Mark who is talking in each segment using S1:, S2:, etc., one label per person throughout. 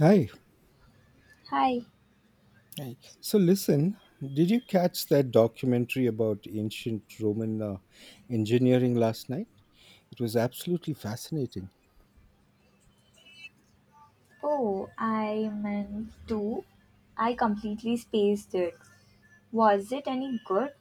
S1: Hi.
S2: Hi.
S1: Hi. So, listen, did you catch that documentary about ancient Roman engineering last night? It was absolutely fascinating.
S2: Oh, I meant to. I completely spaced it. Was it any good?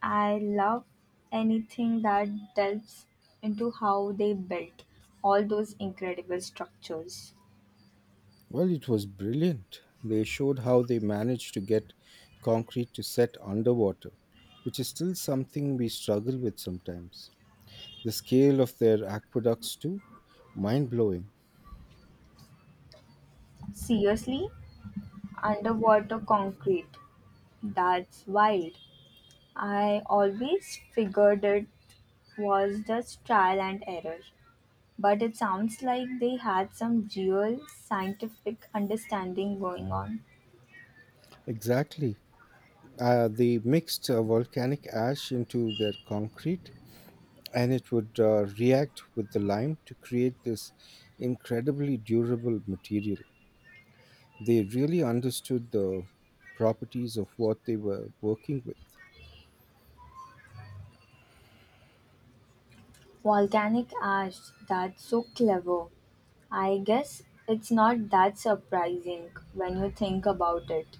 S2: I love anything that delves into how they built all those incredible structures.
S1: Well, it was brilliant. They showed how they managed to get concrete to set underwater, which is still something we struggle with sometimes. The scale of their aqueducts, too, mind blowing.
S2: Seriously? Underwater concrete. That's wild. I always figured it was just trial and error. But it sounds like they had some real scientific understanding going on.
S1: Exactly. They mixed volcanic ash into their concrete and it would react with the lime to create this incredibly durable material. They really understood the properties of what they were working with,
S2: Volcanic ash, that's so clever. I guess it's not that surprising when you think about it,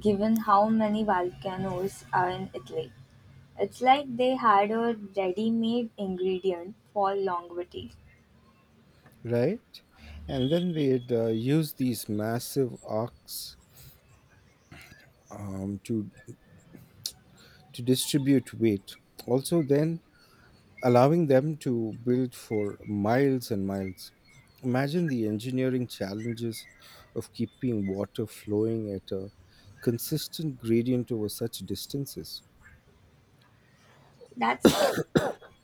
S2: given how many volcanoes are in Italy. It's like they had a ready made ingredient for longevity.
S1: right? And then they'd use these massive arcs um, to to distribute weight. Also, then allowing them to build for miles and miles. Imagine the engineering challenges of keeping water flowing at a consistent gradient over such distances.
S2: That's the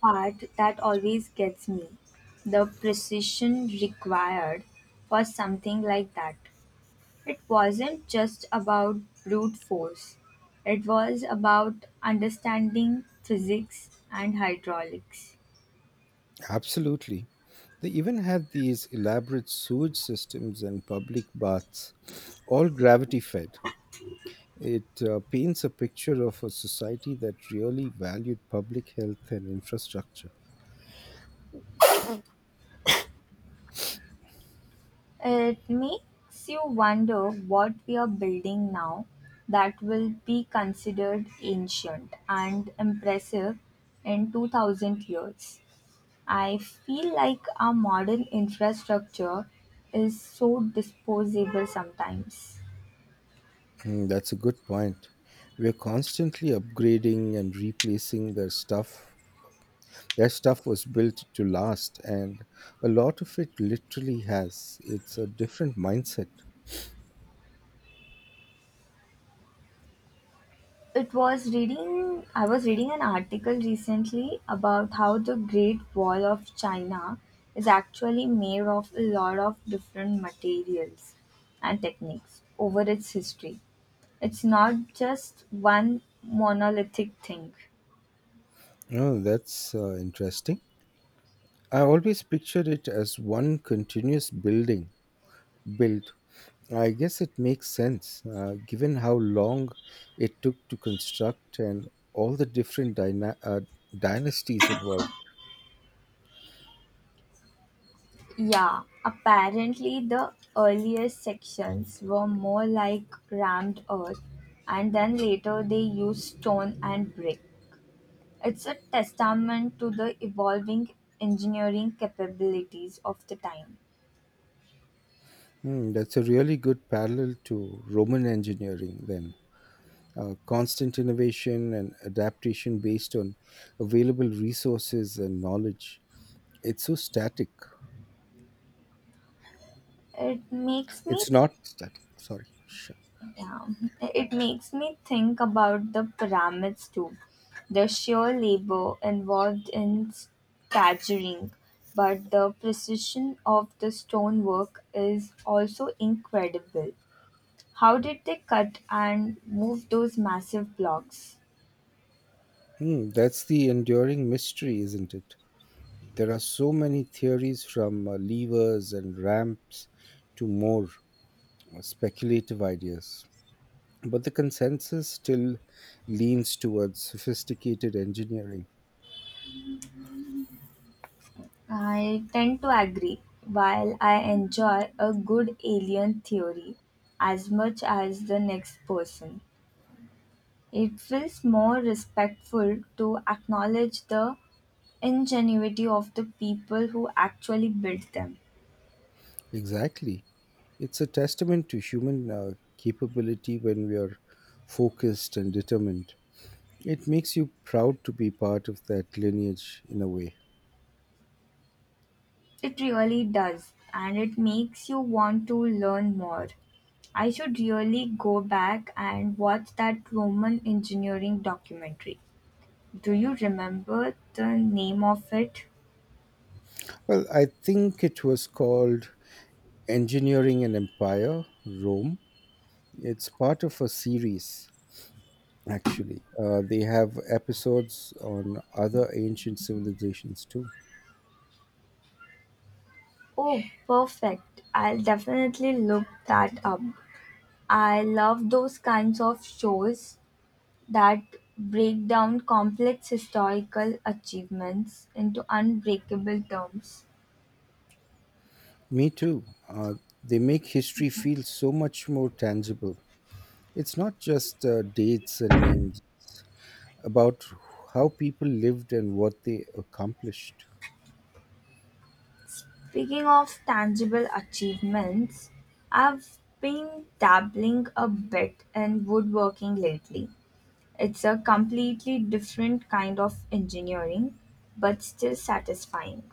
S2: part that always gets me the precision required for something like that. It wasn't just about brute force, it was about understanding physics and hydraulics.
S1: Absolutely. They even had these elaborate sewage systems and public baths, all gravity fed. It paints a picture of a society that really valued public health and infrastructure.
S2: It makes you wonder what we are building now that will be considered ancient and impressive in 2000 years. I feel like our modern infrastructure is so disposable sometimes.
S1: Mm, that's a good point. We're constantly upgrading and replacing their stuff. Their stuff was built to last, and a lot of it literally has. It's a different mindset.
S2: It was reading I was reading an article recently about how the Great Wall of China is actually made of a lot of different materials and techniques over its history. It's not just one monolithic thing.
S1: Oh, that's interesting. I always pictured it as one continuous build. I guess it makes sense, given how long it took to construct and all the different dynasties involved.
S2: Yeah, apparently the earliest sections were more like rammed earth and then later they used stone and brick. It's a testament to the evolving engineering capabilities of the time.
S1: Hmm, that's a really good parallel to Roman engineering, then. Constant innovation and adaptation based on available resources and knowledge. It's so static.
S2: It makes me
S1: It's not static, sorry.
S2: yeah, it makes me think about the pyramids too. The sheer labor involved in staggering, but the precision of the stonework is also incredible. How did they cut and move those massive blocks?
S1: Hmm, that's the enduring mystery, isn't it? There are so many theories from levers and ramps to more speculative ideas. But the consensus still leans towards sophisticated engineering.
S2: I tend to agree. While I enjoy a good alien theory as much as the next person, it feels more respectful to acknowledge the ingenuity of the people who actually built them.
S1: Exactly. It's a testament to human capability when we are focused and determined. It makes you proud to be part of that lineage in a way.
S2: It really does, and it makes you want to learn more. I should really go back and watch that Roman engineering documentary. Do you remember the name of it?
S1: Well, I think it was called Engineering an Empire, Rome. It's part of a series, actually. They have episodes on other ancient civilizations too.
S2: Oh, perfect. I'll definitely look that up. I love those kinds of shows that break down complex historical achievements into unbreakable terms.
S1: Me too. They make history feel so much more tangible. It's not just dates and names about how people lived and what they accomplished.
S2: Speaking of tangible achievements, I've been dabbling a bit in woodworking lately. It's a completely different kind of engineering, but still satisfying.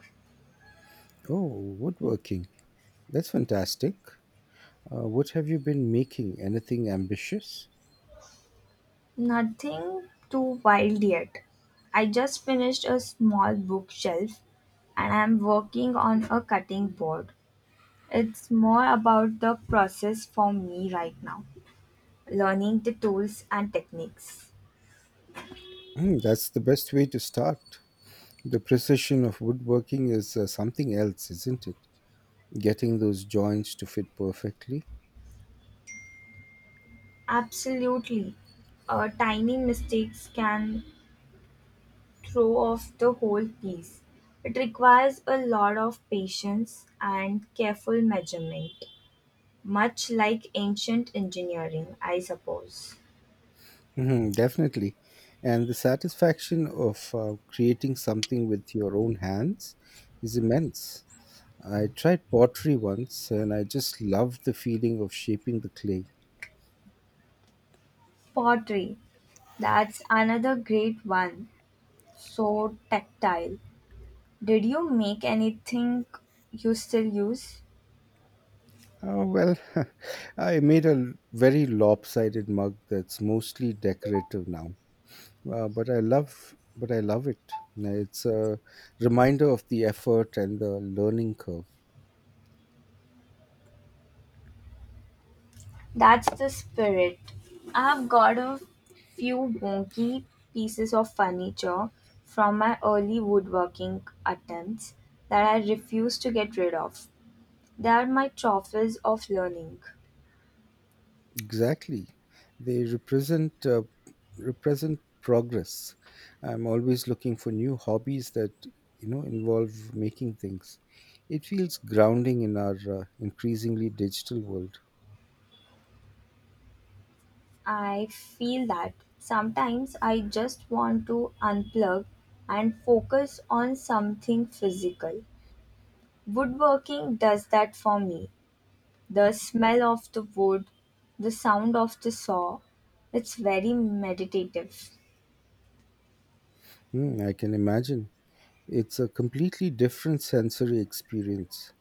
S1: Oh, woodworking. That's fantastic. What have you been making? Anything ambitious?
S2: Nothing too wild yet. I just finished a small bookshelf and I'm working on a cutting board. It's more about the process for me right now, learning the tools and techniques.
S1: Hmm, that's the best way to start. The precision of woodworking is something else, isn't it? Getting those joints to fit perfectly.
S2: Absolutely. Tiny mistakes can throw off the whole piece. It requires a lot of patience and careful measurement, much like ancient engineering, I suppose.
S1: Hmm, definitely. And the satisfaction of creating something with your own hands is immense. I tried pottery once and I just loved the feeling of shaping the clay.
S2: Pottery. That's another great one. So tactile. Did you make anything you still use?
S1: Oh, well, I made a very lopsided mug that's mostly decorative now. But I love it. It's a reminder of the effort and the learning curve.
S2: That's the spirit. I've got a few wonky pieces of furniture from my early woodworking attempts that I refuse to get rid of. They are my trophies of learning.
S1: Exactly. They represent progress. I'm always looking for new hobbies that involve making things. It feels grounding in our increasingly digital world.
S2: I feel that sometimes I just want to unplug and focus on something physical. Woodworking does that for me. The smell of the wood, the sound of the saw, it's very meditative.
S1: Hmm, I can imagine. It's a completely different sensory experience.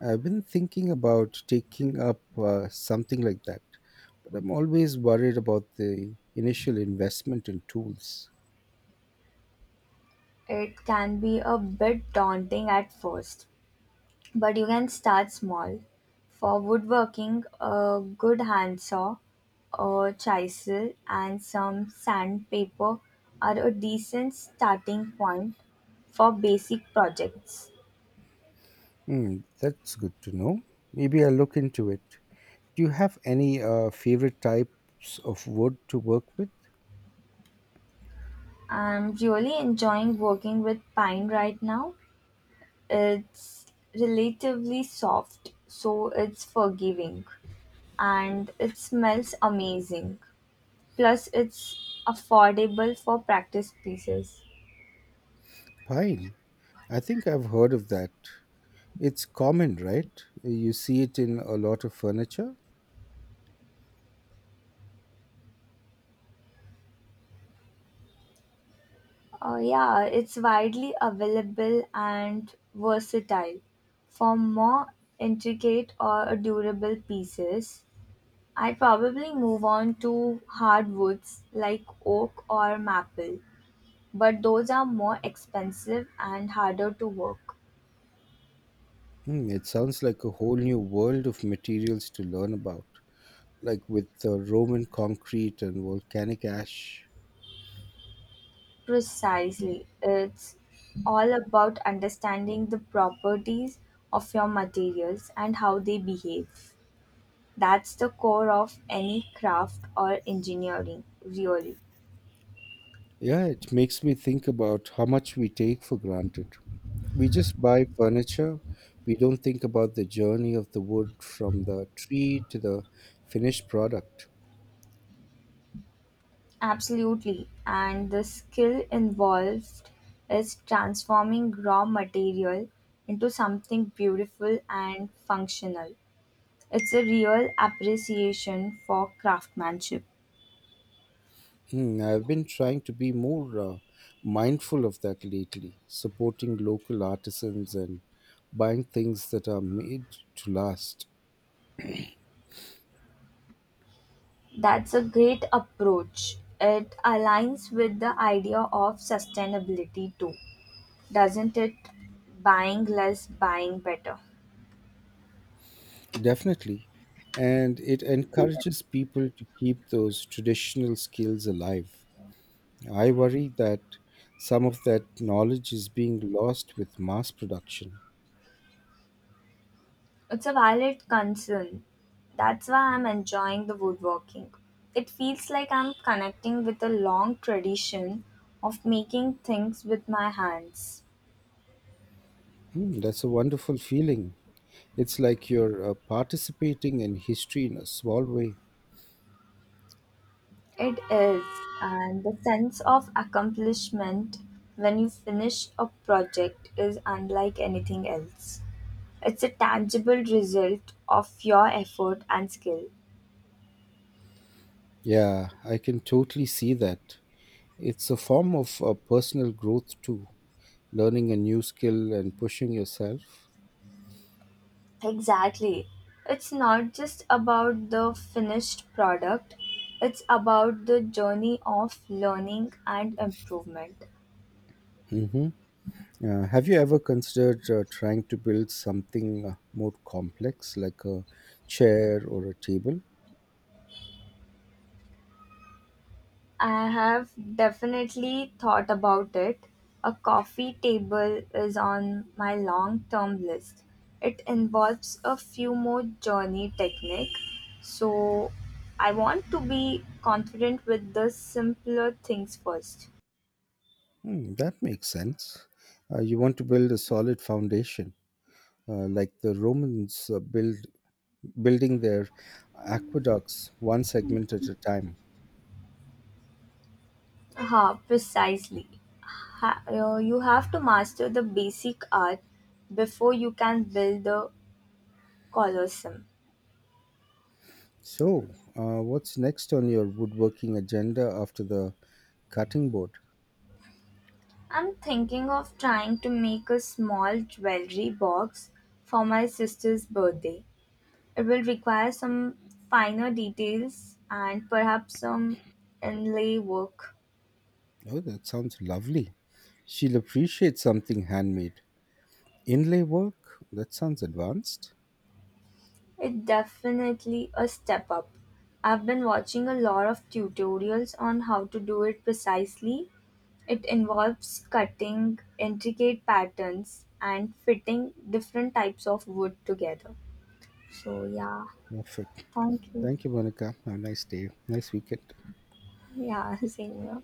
S1: I've been thinking about taking up something like that, but I'm always worried about the initial investment in tools.
S2: It can be a bit daunting at first, but you can start small. For woodworking, a good handsaw, a chisel, and some sandpaper are a decent starting point for basic projects.
S1: Hmm, that's good to know. Maybe I'll look into it. Do you have any favorite types of wood to work with?
S2: I'm really enjoying working with Pine right now. It's relatively soft, so it's forgiving. And it smells amazing. Plus, it's affordable for practice pieces.
S1: Pine. I think I've heard of that. It's common, right? You see it in a lot of furniture.
S2: Yeah, it's widely available and versatile. For more intricate or durable pieces, I'd probably move on to hardwoods like oak or maple, but those are more expensive and harder to work.
S1: Hmm, it sounds like a whole new world of materials to learn about, like with Roman concrete and volcanic ash.
S2: Precisely. It's all about understanding the properties of your materials and how they behave. That's the core of any craft or engineering, really.
S1: Yeah, it makes me think about how much we take for granted. We just buy furniture. We don't think about the journey of the wood from the tree to the finished product.
S2: Absolutely. And the skill involved is transforming raw material into something beautiful and functional. It's a real appreciation for craftsmanship.
S1: Hmm, I've been trying to be more mindful of that lately, supporting local artisans and buying things that are made to last.
S2: That's a great approach. It aligns with the idea of sustainability too, doesn't it? Buying less, buying better.
S1: Definitely. And it encourages people to keep those traditional skills alive. I worry that some of that knowledge is being lost with mass production.
S2: It's a valid concern. That's why I'm enjoying the woodworking. It feels like I'm connecting with a long tradition of making things with my hands.
S1: Mm, that's a wonderful feeling. It's like you're participating in history in a small way.
S2: It is, and the sense of accomplishment when you finish a project is unlike anything else. It's a tangible result of your effort and skill.
S1: Yeah, I can totally see that. It's a form of personal growth too, learning a new skill and pushing yourself.
S2: Exactly. It's not just about the finished product, it's about the journey of learning and improvement.
S1: hmm have you ever considered trying to build something more complex, like a chair or a table?
S2: I have definitely thought about it. A coffee table is on my long term list. It involves a few more journey technique. So I want to be confident with the simpler things first.
S1: Hmm, that makes sense. You want to build a solid foundation, like the Romans built building their aqueducts one segment at a time.
S2: Ha! Precisely. You have to master the basic art before you can build the colosseum.
S1: So, what's next on your woodworking agenda after the cutting board?
S2: I'm thinking of trying to make a small jewelry box for my sister's birthday. It will require some finer details and perhaps some inlay work.
S1: Oh, that sounds lovely. She'll appreciate something handmade. Inlay work? That sounds advanced.
S2: It's definitely a step up. I've been watching a lot of tutorials on how to do it precisely. It involves cutting intricate patterns and fitting different types of wood together. So, yeah,
S1: Perfect.
S2: thank you.
S1: Thank you, Monica. Have a nice day. Nice weekend.
S2: Yeah, same here.